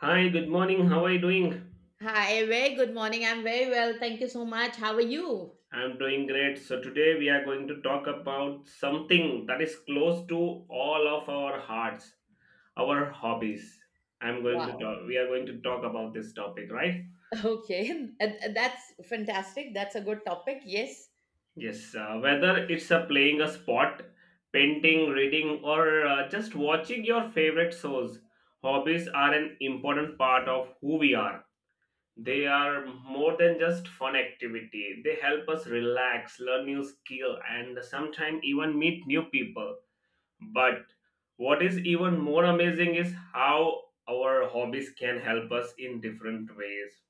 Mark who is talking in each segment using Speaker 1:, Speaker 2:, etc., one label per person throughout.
Speaker 1: Hi, good morning. How are you doing?
Speaker 2: Hi, very good morning. I'm very well. Thank you so much. How are you?
Speaker 1: I'm doing great. So, today we are going to talk about something that is close to all of our hearts, our hobbies. I'm going to
Speaker 2: Wow.
Speaker 1: talk, We are going to talk about this topic, right?
Speaker 2: Okay. That's fantastic. That's a good topic. Yes.
Speaker 1: Yes, whether it's playing a sport, painting, reading, or just watching your favorite shows. Hobbies are an important part of who we are. They are more than just fun activity. They help us relax, learn new skill, and sometimes even meet new people. But what is even more amazing is how our hobbies can help us in different ways,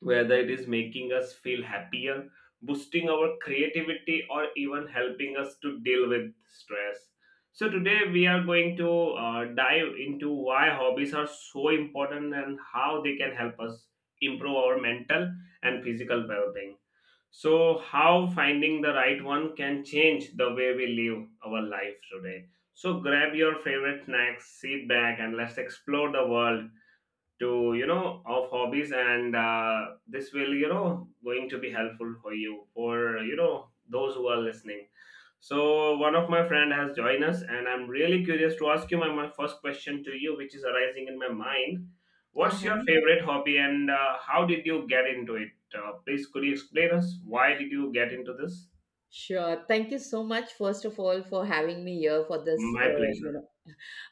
Speaker 1: whether it is making us feel happier, boosting our creativity, or even helping us to deal with stress. So, today we are going to dive into why hobbies are so important and how they can help us improve our mental and physical well being. So, how finding the right one can change the way we live our life today. So, grab your favorite snacks, sit back, and let's explore the world to you know of hobbies, and this will going to be helpful for you, for those who are listening. So one of my friend has joined us, and I'm really curious to ask you my first question to you, which is arising in my mind. What's your
Speaker 2: Uh-huh.
Speaker 1: favorite hobby, and how did you get into it? Please could you explain us why did you get into this?
Speaker 2: Sure. Thank you so much, first of all, for having me here for this,
Speaker 1: My
Speaker 2: you
Speaker 1: pleasure.
Speaker 2: know,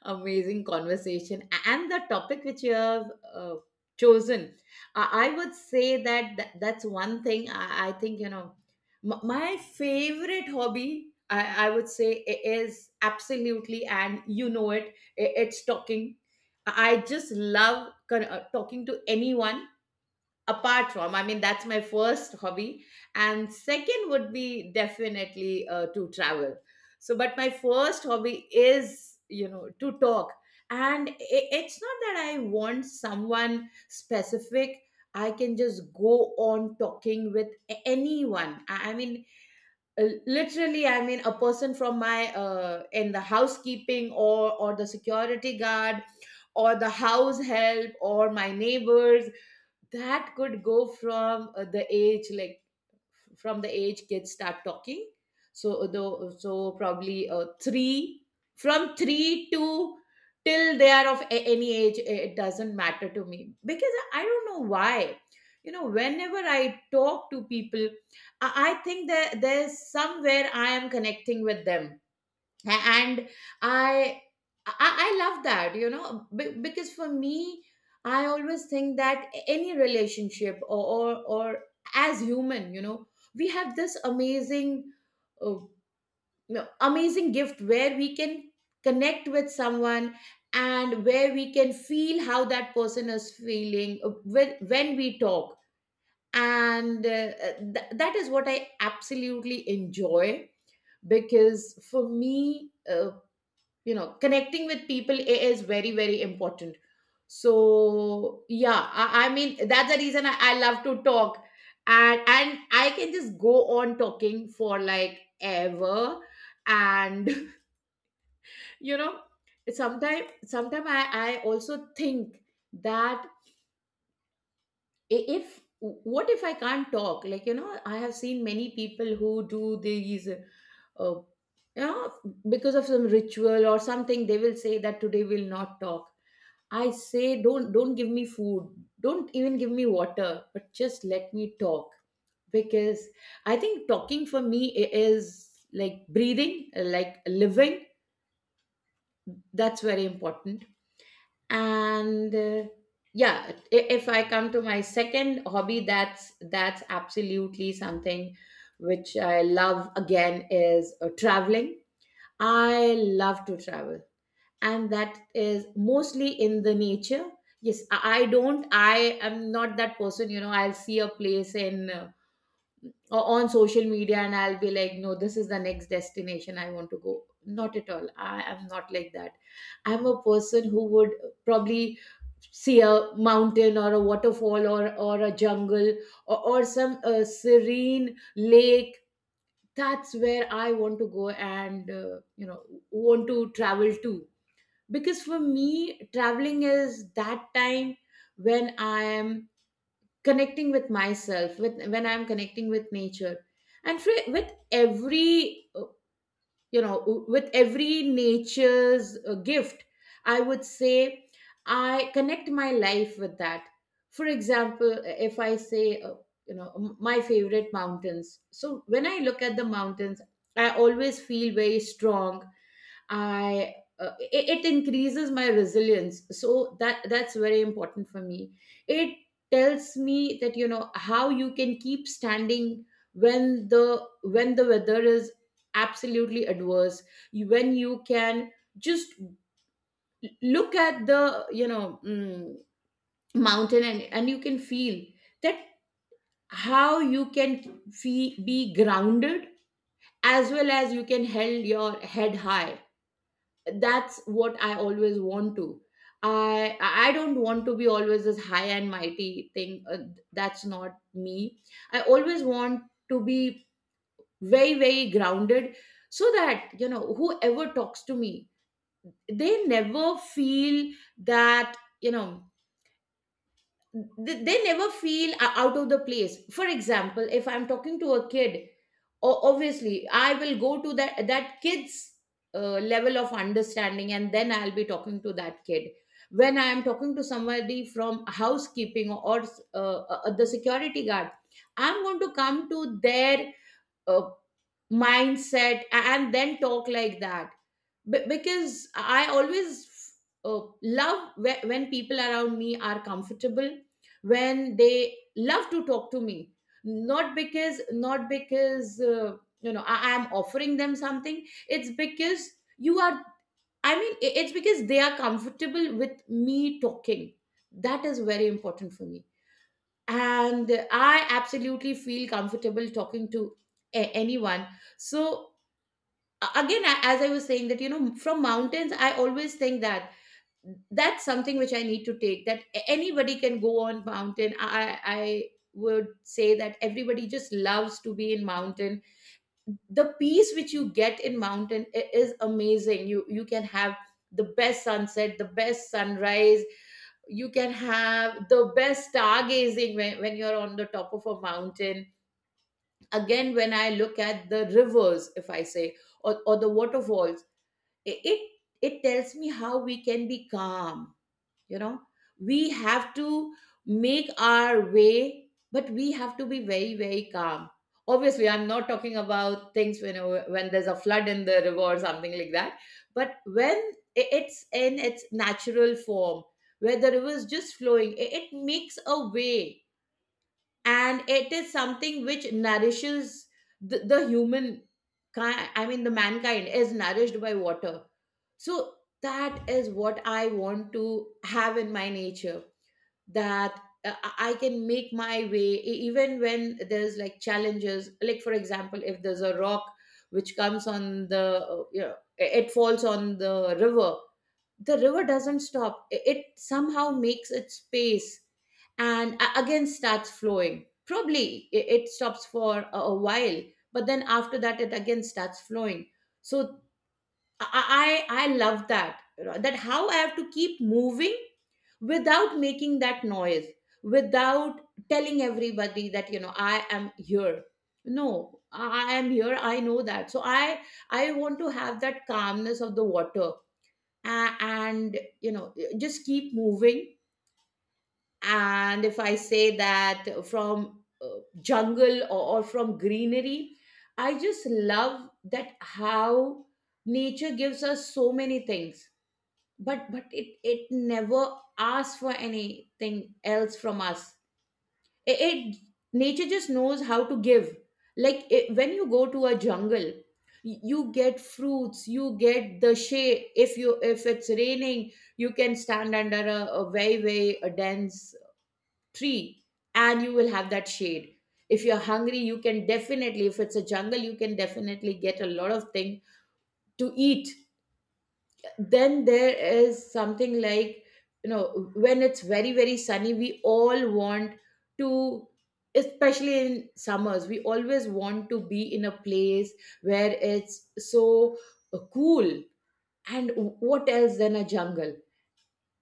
Speaker 2: amazing conversation and the topic which you have uh, chosen. I would say that that's one thing. I think, you know, my favorite hobby, I would say is, absolutely, and you know it, it's talking. I just love talking to anyone. Apart from, I mean, that's my first hobby, and second would be definitely to travel. So but my first hobby is, you know, to talk. And it's not that I want someone specific. I can just go on talking with anyone, I mean. Literally, I mean, a person from my, in the housekeeping, or the security guard, or the house help, or my neighbors. That could go from, the age like, from the age kids start talking. So though so probably three, from three to, till they are of any age. It doesn't matter to me, because I don't know why, you know, whenever I talk to people, I think that there's somewhere I am connecting with them. And i I love that, you know, because for me, I always think that any relationship, or or as human, you know, we have this amazing uh, no, amazing gift where we can connect with someone, and where we can feel how that person is feeling when we talk. And that is what I absolutely enjoy, because for me, you know, connecting with people is very, very important. So yeah, I mean that's the reason I love to talk. And I can just go on talking for like ever. And you know, sometimes I also think that, if, what if I can't talk? Like, you know, I have seen many people who do these, you know, because of some ritual or something, they will say that today we'll not talk. I say, don't give me food, don't even give me water, but just let me talk. Because I think talking for me is like breathing, like living. That's very important. And yeah, if I come to my second hobby, that's absolutely something which I love. Again, is traveling. I love to travel, and that is mostly in the nature. Yes, I don't, I am not that person, you know, I'll see a place in on social media, and I'll be like, no, this is the next destination I want to go. Not at all, I am not like that. I'm a person who would probably see a mountain, or a waterfall, or a jungle, or some serene lake. That's where I want to go, and you know, want to travel to. Because for me traveling is that time when I am connecting with myself, with when I'm connecting with nature. And for, with every you know, with every nature's gift, I would say I connect my life with that. For example, if I say, you know, my favorite mountains, so when I look at the mountains, I always feel very strong. I it, it increases my resilience. So that's very important for me. It tells me that, you know, how you can keep standing when the weather is absolutely adverse. When you can just look at the, you know, mountain, and you can feel that how you can be grounded as well as you can held your head high. That's what I always want to, I don't want to be always this high and mighty thing, that's not me. I always want to be very, very grounded, so that, you know, whoever talks to me, they never feel that, you know, they never feel out of the place. For example, if I'm talking to a kid, obviously I will go to that kid's level of understanding, and then I'll be talking to that kid. When I am talking to somebody from housekeeping, or the security guard, I'm going to come to their uh, mindset, and then talk like that. Because I always love when people around me are comfortable, when they love to talk to me. Not because, you know, I am offering them something. It's because you are, I mean, it's because they are comfortable with me talking. That is very important for me, and I absolutely feel comfortable talking to anyone. So, again, as I was saying, that, you know, from mountains I always think that that's something which I need to take. That a- anybody can go on mountain. I would say that everybody just loves to be in mountain. The peace which you get in mountain is amazing. You can have the best sunset, the best sunrise. You can have the best stargazing when you're on the top of a mountain. Again, when I look at the rivers, if I say, or the waterfalls, it it tells me how we can be calm. You know, we have to make our way, but we have to be very, very calm. Obviously, I'm not talking about things when there's a flood in the river or something like that. But when it's in its natural form, where the river is just flowing, it makes a way. And it is something which nourishes the human, I mean the mankind is nourished by water. So that is what I want to have in my nature. That, I can make my way, even when there's like challenges. Like for example, if there's a rock which comes on the, you know, it falls on the river, the river doesn't stop. It somehow makes its pace, and again starts flowing. Probably it stops for a while, but then after that it again starts flowing. So I love that, you know, that how I have to keep moving without making that noise, without telling everybody that, you know, I am here. No, I am here, I know that. So I want to have that calmness of the water, and, you know, just keep moving. And if I say that, from jungle, or from greenery, I just love that how nature gives us so many things, but it it never asks for anything else from us. it, it- Nature just knows how to give. Like it, when you go to a jungle, you get fruits, you get the shade. If you, if it's raining, you can stand under a very, very a dense tree, and you will have that shade. If you're hungry, you can definitely, if it's a jungle, you can definitely get a lot of thing to eat. Then there is something like, you know, when it's very, very sunny, we all want to, especially in summers, we always want to be in a place where it's so cool. And what else than a jungle.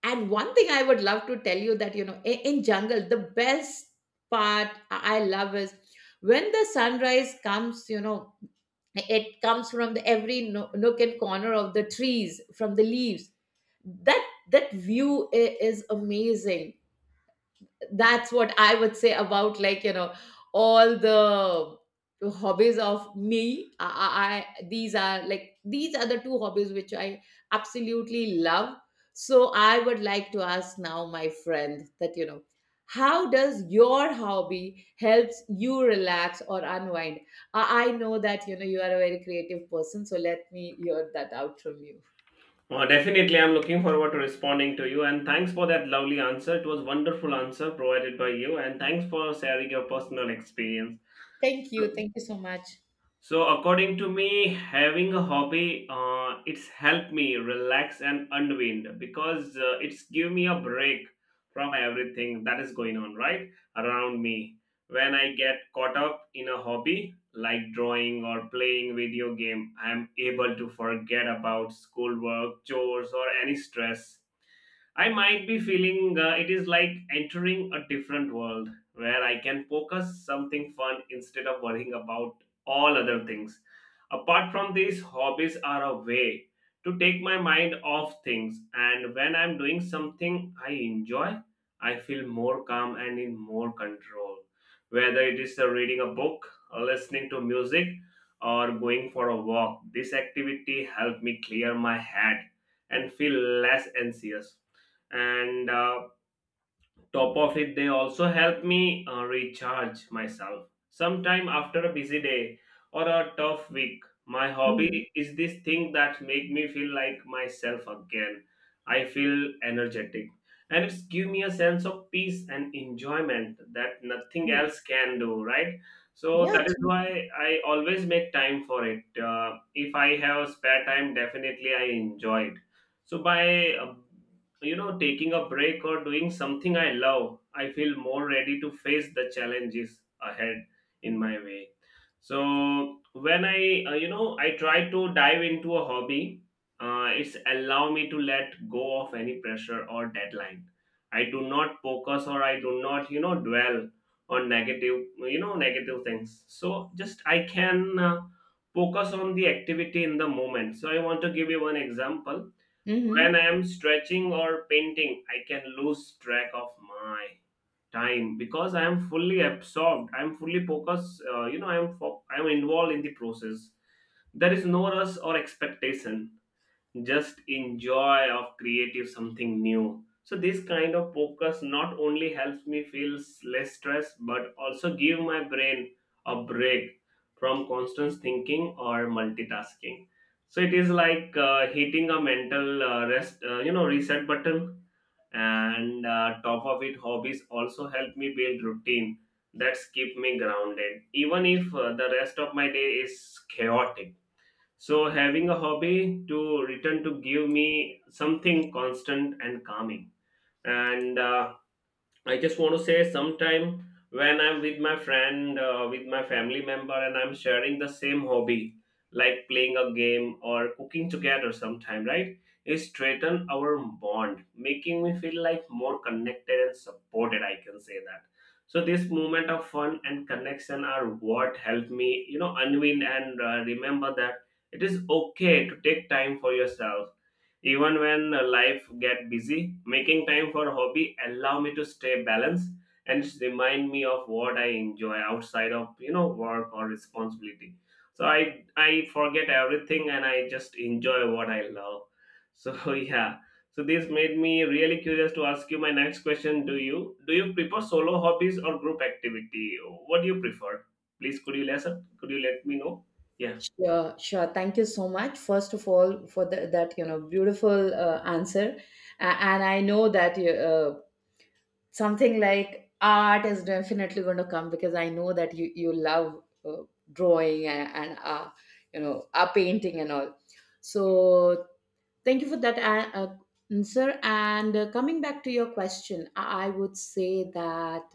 Speaker 2: And one thing I would love to tell you, that, you know, in jungle, the best part I love is when the sunrise comes, you know. It comes from the every nook and corner of the trees, from the leaves. That, that view is amazing. That's what I would say about, like, you know, all the hobbies of me. These are like, these are the two hobbies which I absolutely love. So I would like to ask now my friend, that, you know, how does your hobby helps you relax or unwind? I know that, you know, you are a very creative person, so let me hear that out from you.
Speaker 1: Definitely, I'm looking forward to responding to you. And thanks for that lovely answer. It was wonderful answer provided by you. And thanks for sharing your personal experience. So,
Speaker 2: Thank you so much.
Speaker 1: so, according to me, having a hobby, it's helped me relax and unwind because it's give me a break from everything that is going on right around me. When I get caught up in a hobby like drawing or playing video game, I'm able to forget about schoolwork, chores, or any stress I might be feeling. It is like entering a different world where I can focus something fun instead of worrying about all other things. Apart from these, hobbies are a way to take my mind off things, and when I'm doing something I enjoy, I feel more calm and in more control. Whether it is reading a book, or listening to music, or going for a walk, this activity helped me clear my head and feel less anxious. And top of it, they also help me recharge myself sometime. After a busy day or a tough week, my
Speaker 2: Mhm.
Speaker 1: hobby is this thing that make me feel like myself again. I feel energetic, and it's give me a sense of peace and enjoyment that nothing
Speaker 2: True.
Speaker 1: else can do, right? So
Speaker 2: Yeah,
Speaker 1: that is
Speaker 2: true.
Speaker 1: why I always make time for it. If I have spare time, definitely I enjoy it. So by taking a break or doing something I love, I feel more ready to face the challenges ahead in my way. So when I I try to dive into a hobby, it's allow me to let go of any pressure or deadline. I do not focus, or I do not dwell on negative, negative things, so just I can focus on the activity in the moment. So I want to give you one example. When
Speaker 2: Mm-hmm.
Speaker 1: I am stretching or painting, I can lose track of my time because I am fully absorbed. I am fully focused. I am I am involved in the process. There is no rush or expectation, just enjoy of creative something new. So this kind of focus not only helps me feel less stress, but also give my brain a break from constant thinking or multitasking. So it is like hitting a mental rest reset button. And top of it, hobbies also help me build routine that's keep me grounded even if the rest of my day is chaotic. So having a hobby to return to give me something constant and calming. And I just want to say sometime when I'm with my friend, with my family member, and I'm sharing the same hobby, like playing a game or cooking together sometime, right? It strengthen our bond, making me feel like more connected and supported, I can say that. So this moment of fun and connection are what help me, unwind and remember that it is okay to take time for yourself even when life get busy. Making time for hobby allow me to stay balanced and remind me of what I enjoy outside of work or responsibility. So I forget everything and I just enjoy what I love. So yeah. So this made me really curious to ask you my next question. Do you do you prefer solo hobbies or group activity? What do you prefer? Please could you listen, could you let me know? Yeah.
Speaker 2: Sure, sure. Thank you so much, first of all, for the, that, you know, beautiful answer. And I know that you, something like art is definitely going to come, because I know that you love drawing, and you know, painting and all. So, thank you for that answer. And coming back to your question, I would say that,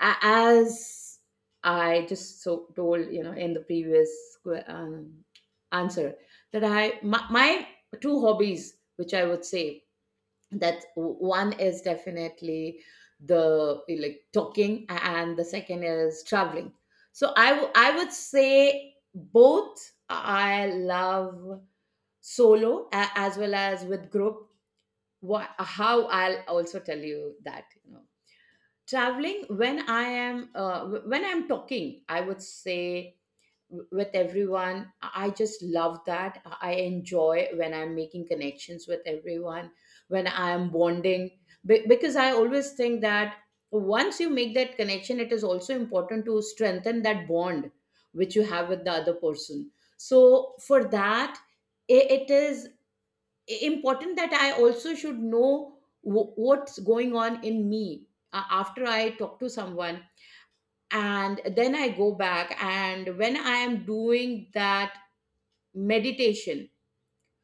Speaker 2: as I just so told, you know, in the previous answer, that I, my two hobbies, which I would say, that one is definitely the like talking, and the second is traveling. So I would say both I love solo as well as with group. What how I'll also tell you that you know, traveling, when I am when I'm talking, I would say, with everyone, I just love that, I enjoy when I'm making connections with everyone, when I'm bonding. Because I always think that once you make that connection, it is also important to strengthen that bond which you have with the other person. So for that, it is important that I also should know what's going on in me after I talk to someone. And then I go back. And when I am doing that meditation,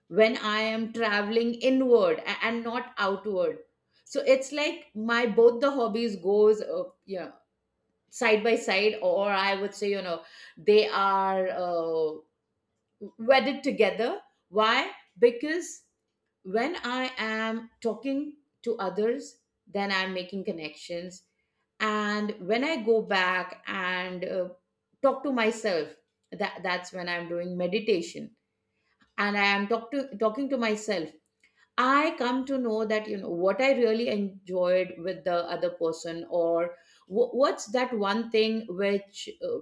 Speaker 2: when I am traveling inward and not outward, so it's like my both the hobbies goes side by side, or I would say they are wedded together. Why? Because when I am talking to others, then I'm making connections. And when I go back and talk to myself, that's when I'm doing meditation and I am talking to myself. I come to know that, you know, what I really enjoyed with the other person, or what's that one thing which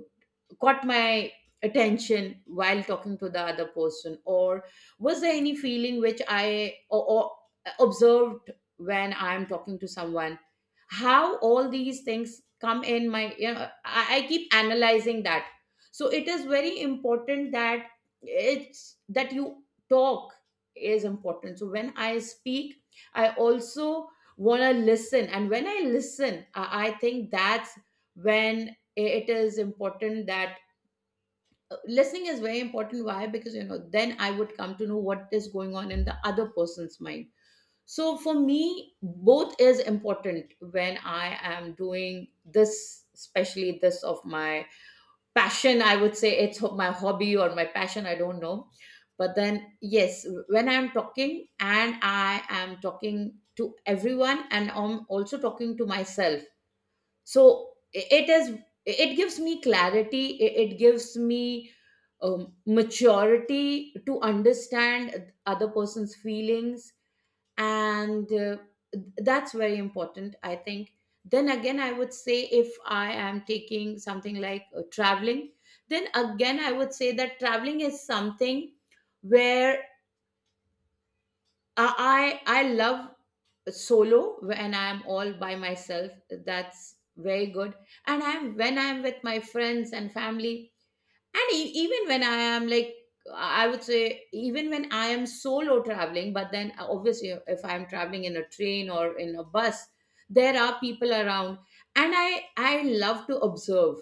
Speaker 2: caught my attention while talking to the other person, or was there any feeling which or observed when I'm talking to someone. How all these things come in my, I keep analyzing that. So it is very important that it's that you talk is important. So when I speak, I also want to listen, and when I listen, I think that's when it is important that listening is very important. Why? Because you know, then I would come to know what is going on in the other person's mind. So for me, both is important when I am doing this, especially this of my passion. I would say, my hobby or my passion, I don't know. But then yes, when I'm talking and I am talking to everyone, and I'm also talking to myself, so it is, it gives me clarity, it gives me maturity to understand other person's feelings, and that's very important, I think. Then again, I would say, if I am taking something like traveling, then again I would say that traveling is something where I love solo, when I'm all by myself. That's very good. And I'm when I'm with my friends and family, and even when I am like, I would say even when I am solo traveling, but then obviously if I'm traveling in a train or in a bus, there are people around, and I love to observe.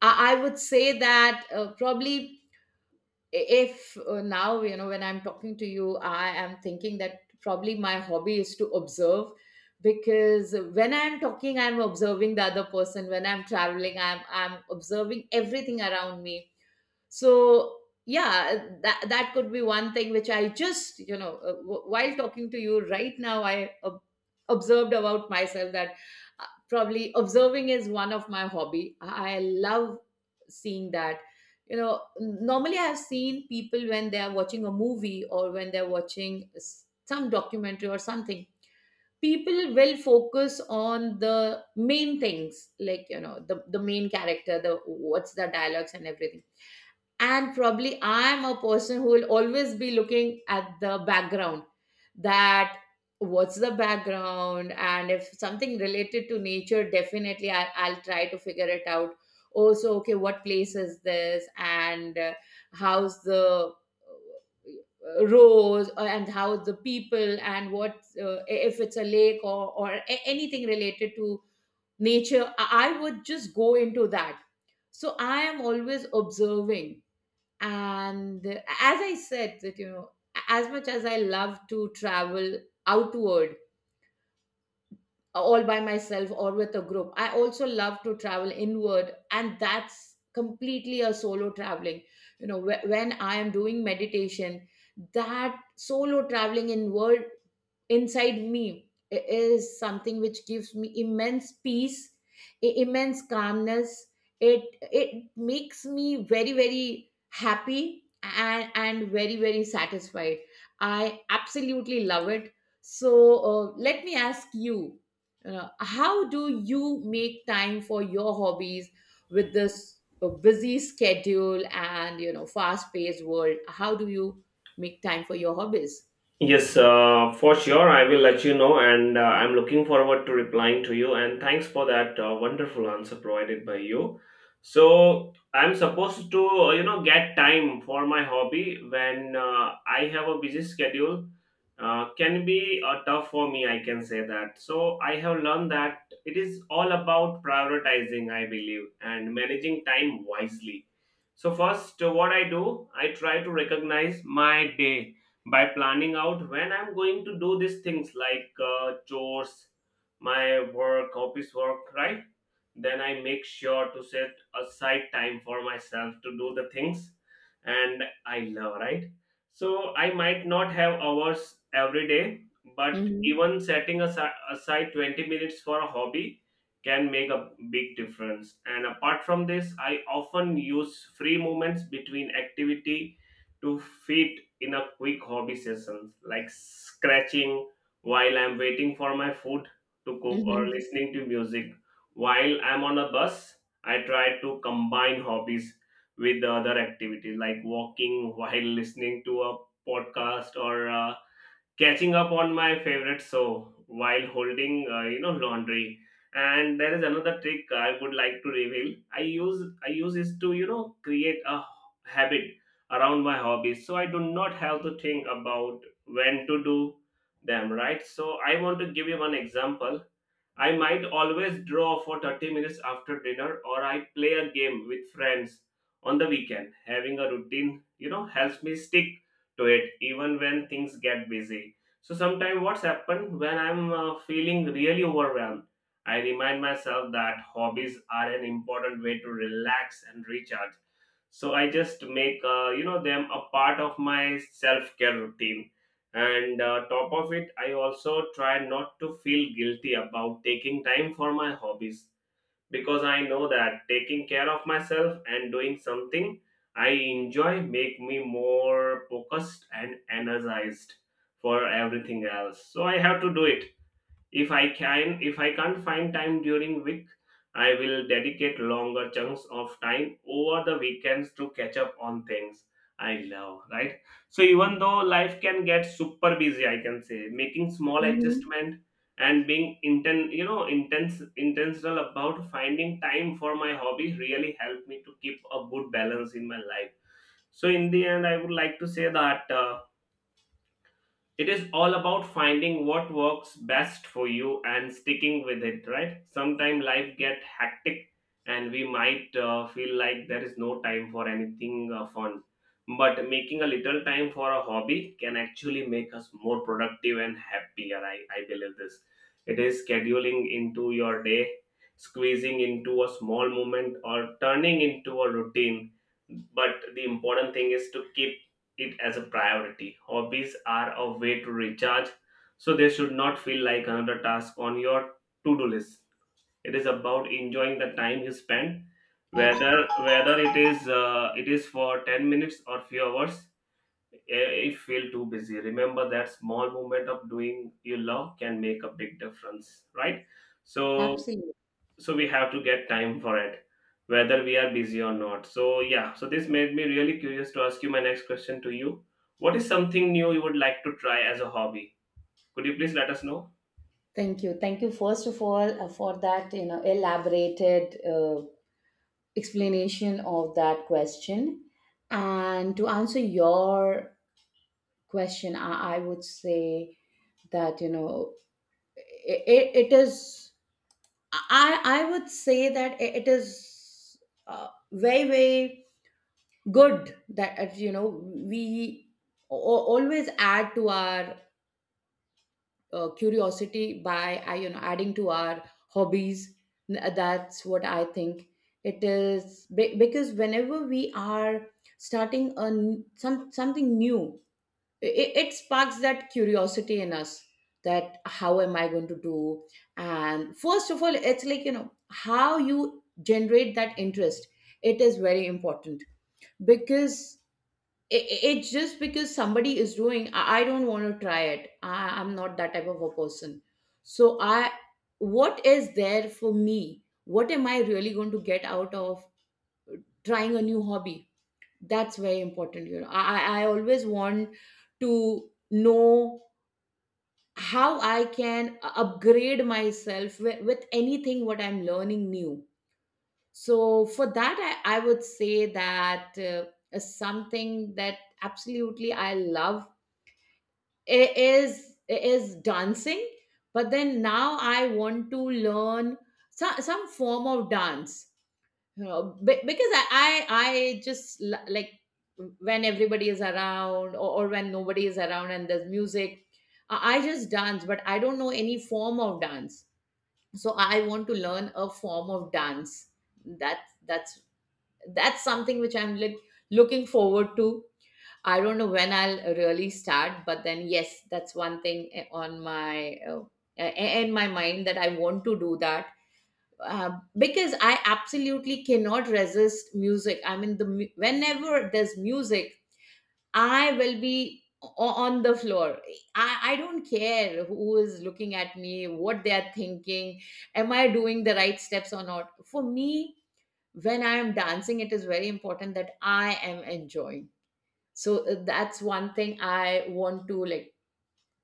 Speaker 2: I would say that probably, if now you know, when I'm talking to you, I am thinking that probably my hobby is to observe. Because when I'm talking, I'm observing the other person. When I'm traveling, I'm observing everything around me. So yeah, that could be one thing which I just, you know, while talking to you right now, observed about myself that probably observing is one of my hobby. I love seeing that. You know, normally I've seen people when they are watching a movie, or when they're watching some documentary or something, people will focus on the main things, like you know, the main character, the what's the dialogues and everything. And probably I am a person who will always be looking at the background. That what's the background, and if something related to nature, definitely I, I'll try to figure it out also. Okay, what place is this, and how's the rows and how the people and what if it's a lake, or anything related to nature, I would just go into that. So I am always observing. And as I said, that you know, as much as I love to travel outward, all by myself or with a group, I also love to travel inward, and that's completely a solo traveling. You know, when I am doing meditation, that solo traveling inward, inside me, is something which gives me immense peace, immense calmness. it it makes me very very happy and very very satisfied. I absolutely love it. So let me ask you, how do you make time for your hobbies? With this busy schedule and you know, fast paced world, how do you make time for your hobbies?
Speaker 1: Yes, for sure. I will let you know, and I'm looking forward to replying to you. And thanks for that wonderful answer provided by you. So I'm supposed to, get time for my hobby when I have a busy schedule. Can be tough for me, I can say that. So I have learned that it is all about prioritizing, I believe, and managing time wisely. So first, what I do, I try to recognize my day by planning out when I'm going to do these things like chores, my work, office work, right? Then I make sure to set aside time for myself to do the things and I love, right? So I might not have hours every day, but
Speaker 2: Mhm,
Speaker 1: even setting aside 20 minutes for a hobby can make a big difference. And apart from this, I often use free moments between activity to fit in a quick hobby session, like scratching while I'm waiting for my food to cook, or
Speaker 2: mhm,
Speaker 1: listening to music while I'm on a bus. I try to combine hobbies with the other activities, like walking while listening to a podcast, or catching up on my favorite show while holding laundry. And there is another trick I would like to reveal I use, is to create a habit around my hobbies so I do not have to think about when to do them, right? So I want to give you one example. I might always draw for 30 minutes after dinner, or I play a game with friends on the weekend. Having a routine, you know, helps me stick to it even when things get busy. So sometimes what's happened when I'm feeling really overwhelmed, I remind myself that hobbies are an important way to relax and recharge. So I just make them a part of my self care routine. And top of it, I also try not to feel guilty about taking time for my hobbies, because I know that taking care of myself and doing something I enjoy make me more focused and energized for everything else. So I have to do it. If I can't find time during week, I will dedicate longer chunks of time over the weekends to catch up on things I love, right? So even though life can get super busy, I can say making small
Speaker 2: mhm.
Speaker 1: adjustment and being inten- you know intense intentional about finding time for my hobby really helped me to keep a good balance in my life. So in the end, I would like to say that it is all about finding what works best for you and sticking with it, right? Sometimes life get hectic, and we might feel like there is no time for anything fun. But making a little time for a hobby can actually make us more productive and happier, I believe this. It is scheduling into your day, squeezing into a small moment, or turning into a routine. But the important thing is to keep it as a priority. Hobbies are a way to recharge, so they should not feel like another task on your to do list. It is about enjoying the time you spend,
Speaker 2: Abs-
Speaker 1: whether it is for 10 minutes or few hours. If feel too busy, remember that small moment of doing you love can make a big difference, right? So
Speaker 2: Absolutely.
Speaker 1: so we have to get time for it whether we are busy or not. So yeah, so this made me really curious to ask you my next question to you. What is something new you would like to try as a hobby? Could you please let us know?
Speaker 2: Thank you. Thank you, first of all, for that, you know, elaborated explanation of that question. And to answer your question, I would say that, you know, it is, I would say that it is very very good that you know, we always add to our curiosity by you know, adding to our hobbies. That's what I think. It is because whenever we are starting some something new, it sparks that curiosity in us that how am I going to do. And first of all, it's like you know, how you generate that interest, it is very important. Because it's just because somebody is doing, I don't want to try it. I'm not that type of a person. So I what is there for me? What am I really going to get out of trying a new hobby? That's very important, you know. I always want to know how I can upgrade myself with anything what I'm learning new. So for that, I would say that is something that absolutely I love is is dancing. But then now I want to learn some form of dance, you know, because I just like when everybody is around, or when nobody is around and there's music, I just dance, but I don't know any form of dance. So I want to learn a form of dance. That that's that's something which I'm like looking forward to. I don't know when I'll really start, but then yes, that's one thing on my in my mind, that I want to do that. uh, because I absolutely cannot resist music. I mean, whenever there's music, I will be on the floor. I don't care who is looking at me, what they are thinking, am I doing the right steps or not. For me, when I am dancing, it is very important that I am enjoying. So that's one thing I want to like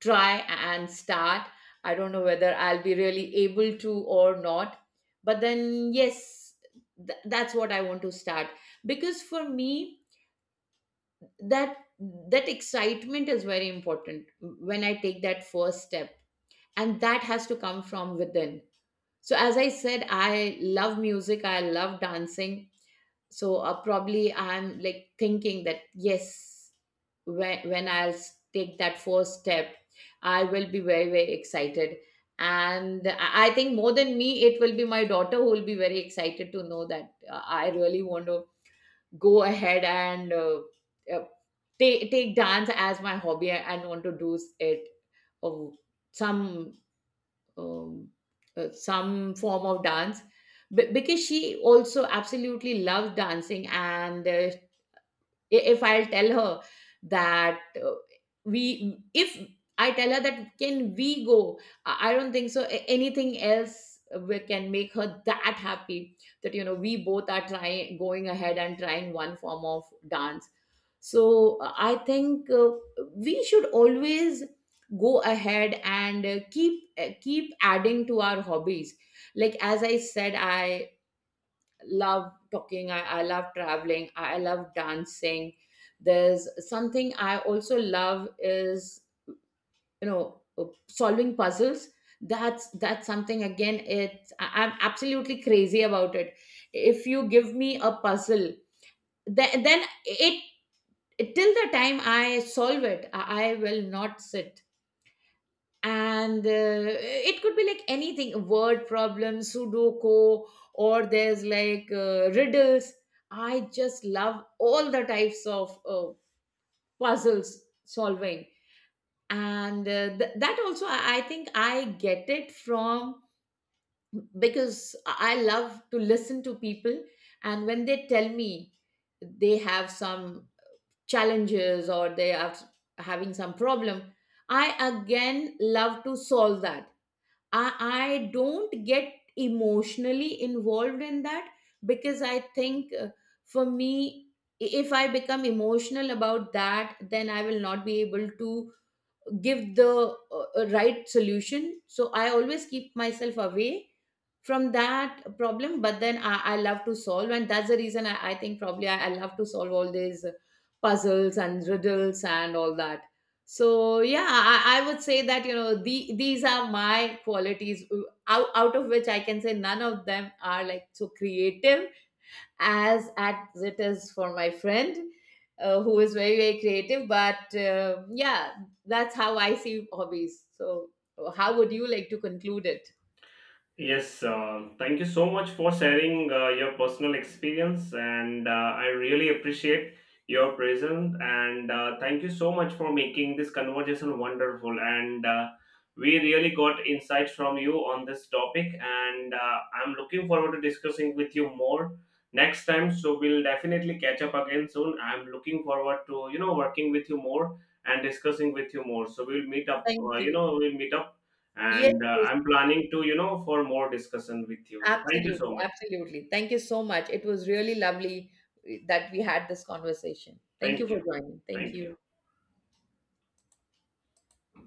Speaker 2: try and start. I don't know whether I'll be really able to or not. But then, yes, that's what I want to start. Because for me, that that excitement is very important when I take that first step, and that has to come from within. So, as I said, I love music. I love dancing. So, probably I'm like thinking that yes, when I'll take that first step, I will be very very excited. And I think more than me, it will be my daughter who will be very excited to know that I really want to go ahead and uh, take dance as my hobby and want to do it of some um, some form of dance. Because she also absolutely loves dancing. And if I'll tell her that we if I tell her that can we go, I don't think so. Anything else we can make her that happy, that you know, we both are trying going ahead and trying one form of dance. So I think we should always go ahead and keep adding to our hobbies. Like as I said, I love talking, I love traveling, I love dancing. There's something I also love is you know, solving puzzles. That's something, again, it's I'm absolutely crazy about it. If you give me a puzzle, then it, till the time I solve it, I will not sit. And it could be like anything, word problems, sudoku, or there's like riddles. I just love all the types of puzzles solving. And that also, I think I get it from, because I love to listen to people. And when they tell me they have some challenges, or they are having some problem, I again, love to solve that. I don't get emotionally involved in that, because I think for me, if I become emotional about that, then I will not be able to give the right solution. So I always keep myself away from that problem, but then I love to solve, and that's the reason I think probably I love to solve all these puzzles and riddles and all that. So yeah, I would say that you know, these are my qualities, out of which I can say none of them are like so creative as it is for my friend, who is very very creative. But yeah, that's how I see hobbies. So how would you like to conclude it?
Speaker 1: Yes, thank you so much for sharing your personal experience, and I really appreciate your presence. And thank you so much for making this conversation wonderful. And we really got insights from you on this topic, and I'm looking forward to discussing with you more next time. So we'll definitely catch up again soon. I'm looking forward to working with you more and discussing with you more. So we'll meet up.
Speaker 2: Thank you.
Speaker 1: We'll meet up,
Speaker 2: Yes,
Speaker 1: and
Speaker 2: yes,
Speaker 1: I'm planning to for more discussion with you. So thank you so
Speaker 2: absolutely,
Speaker 1: much.
Speaker 2: absolutely. Thank you so much. It was really lovely that we had this conversation. Thank you
Speaker 1: Thank you.
Speaker 2: for joining. Thank
Speaker 1: Thank you.
Speaker 2: you.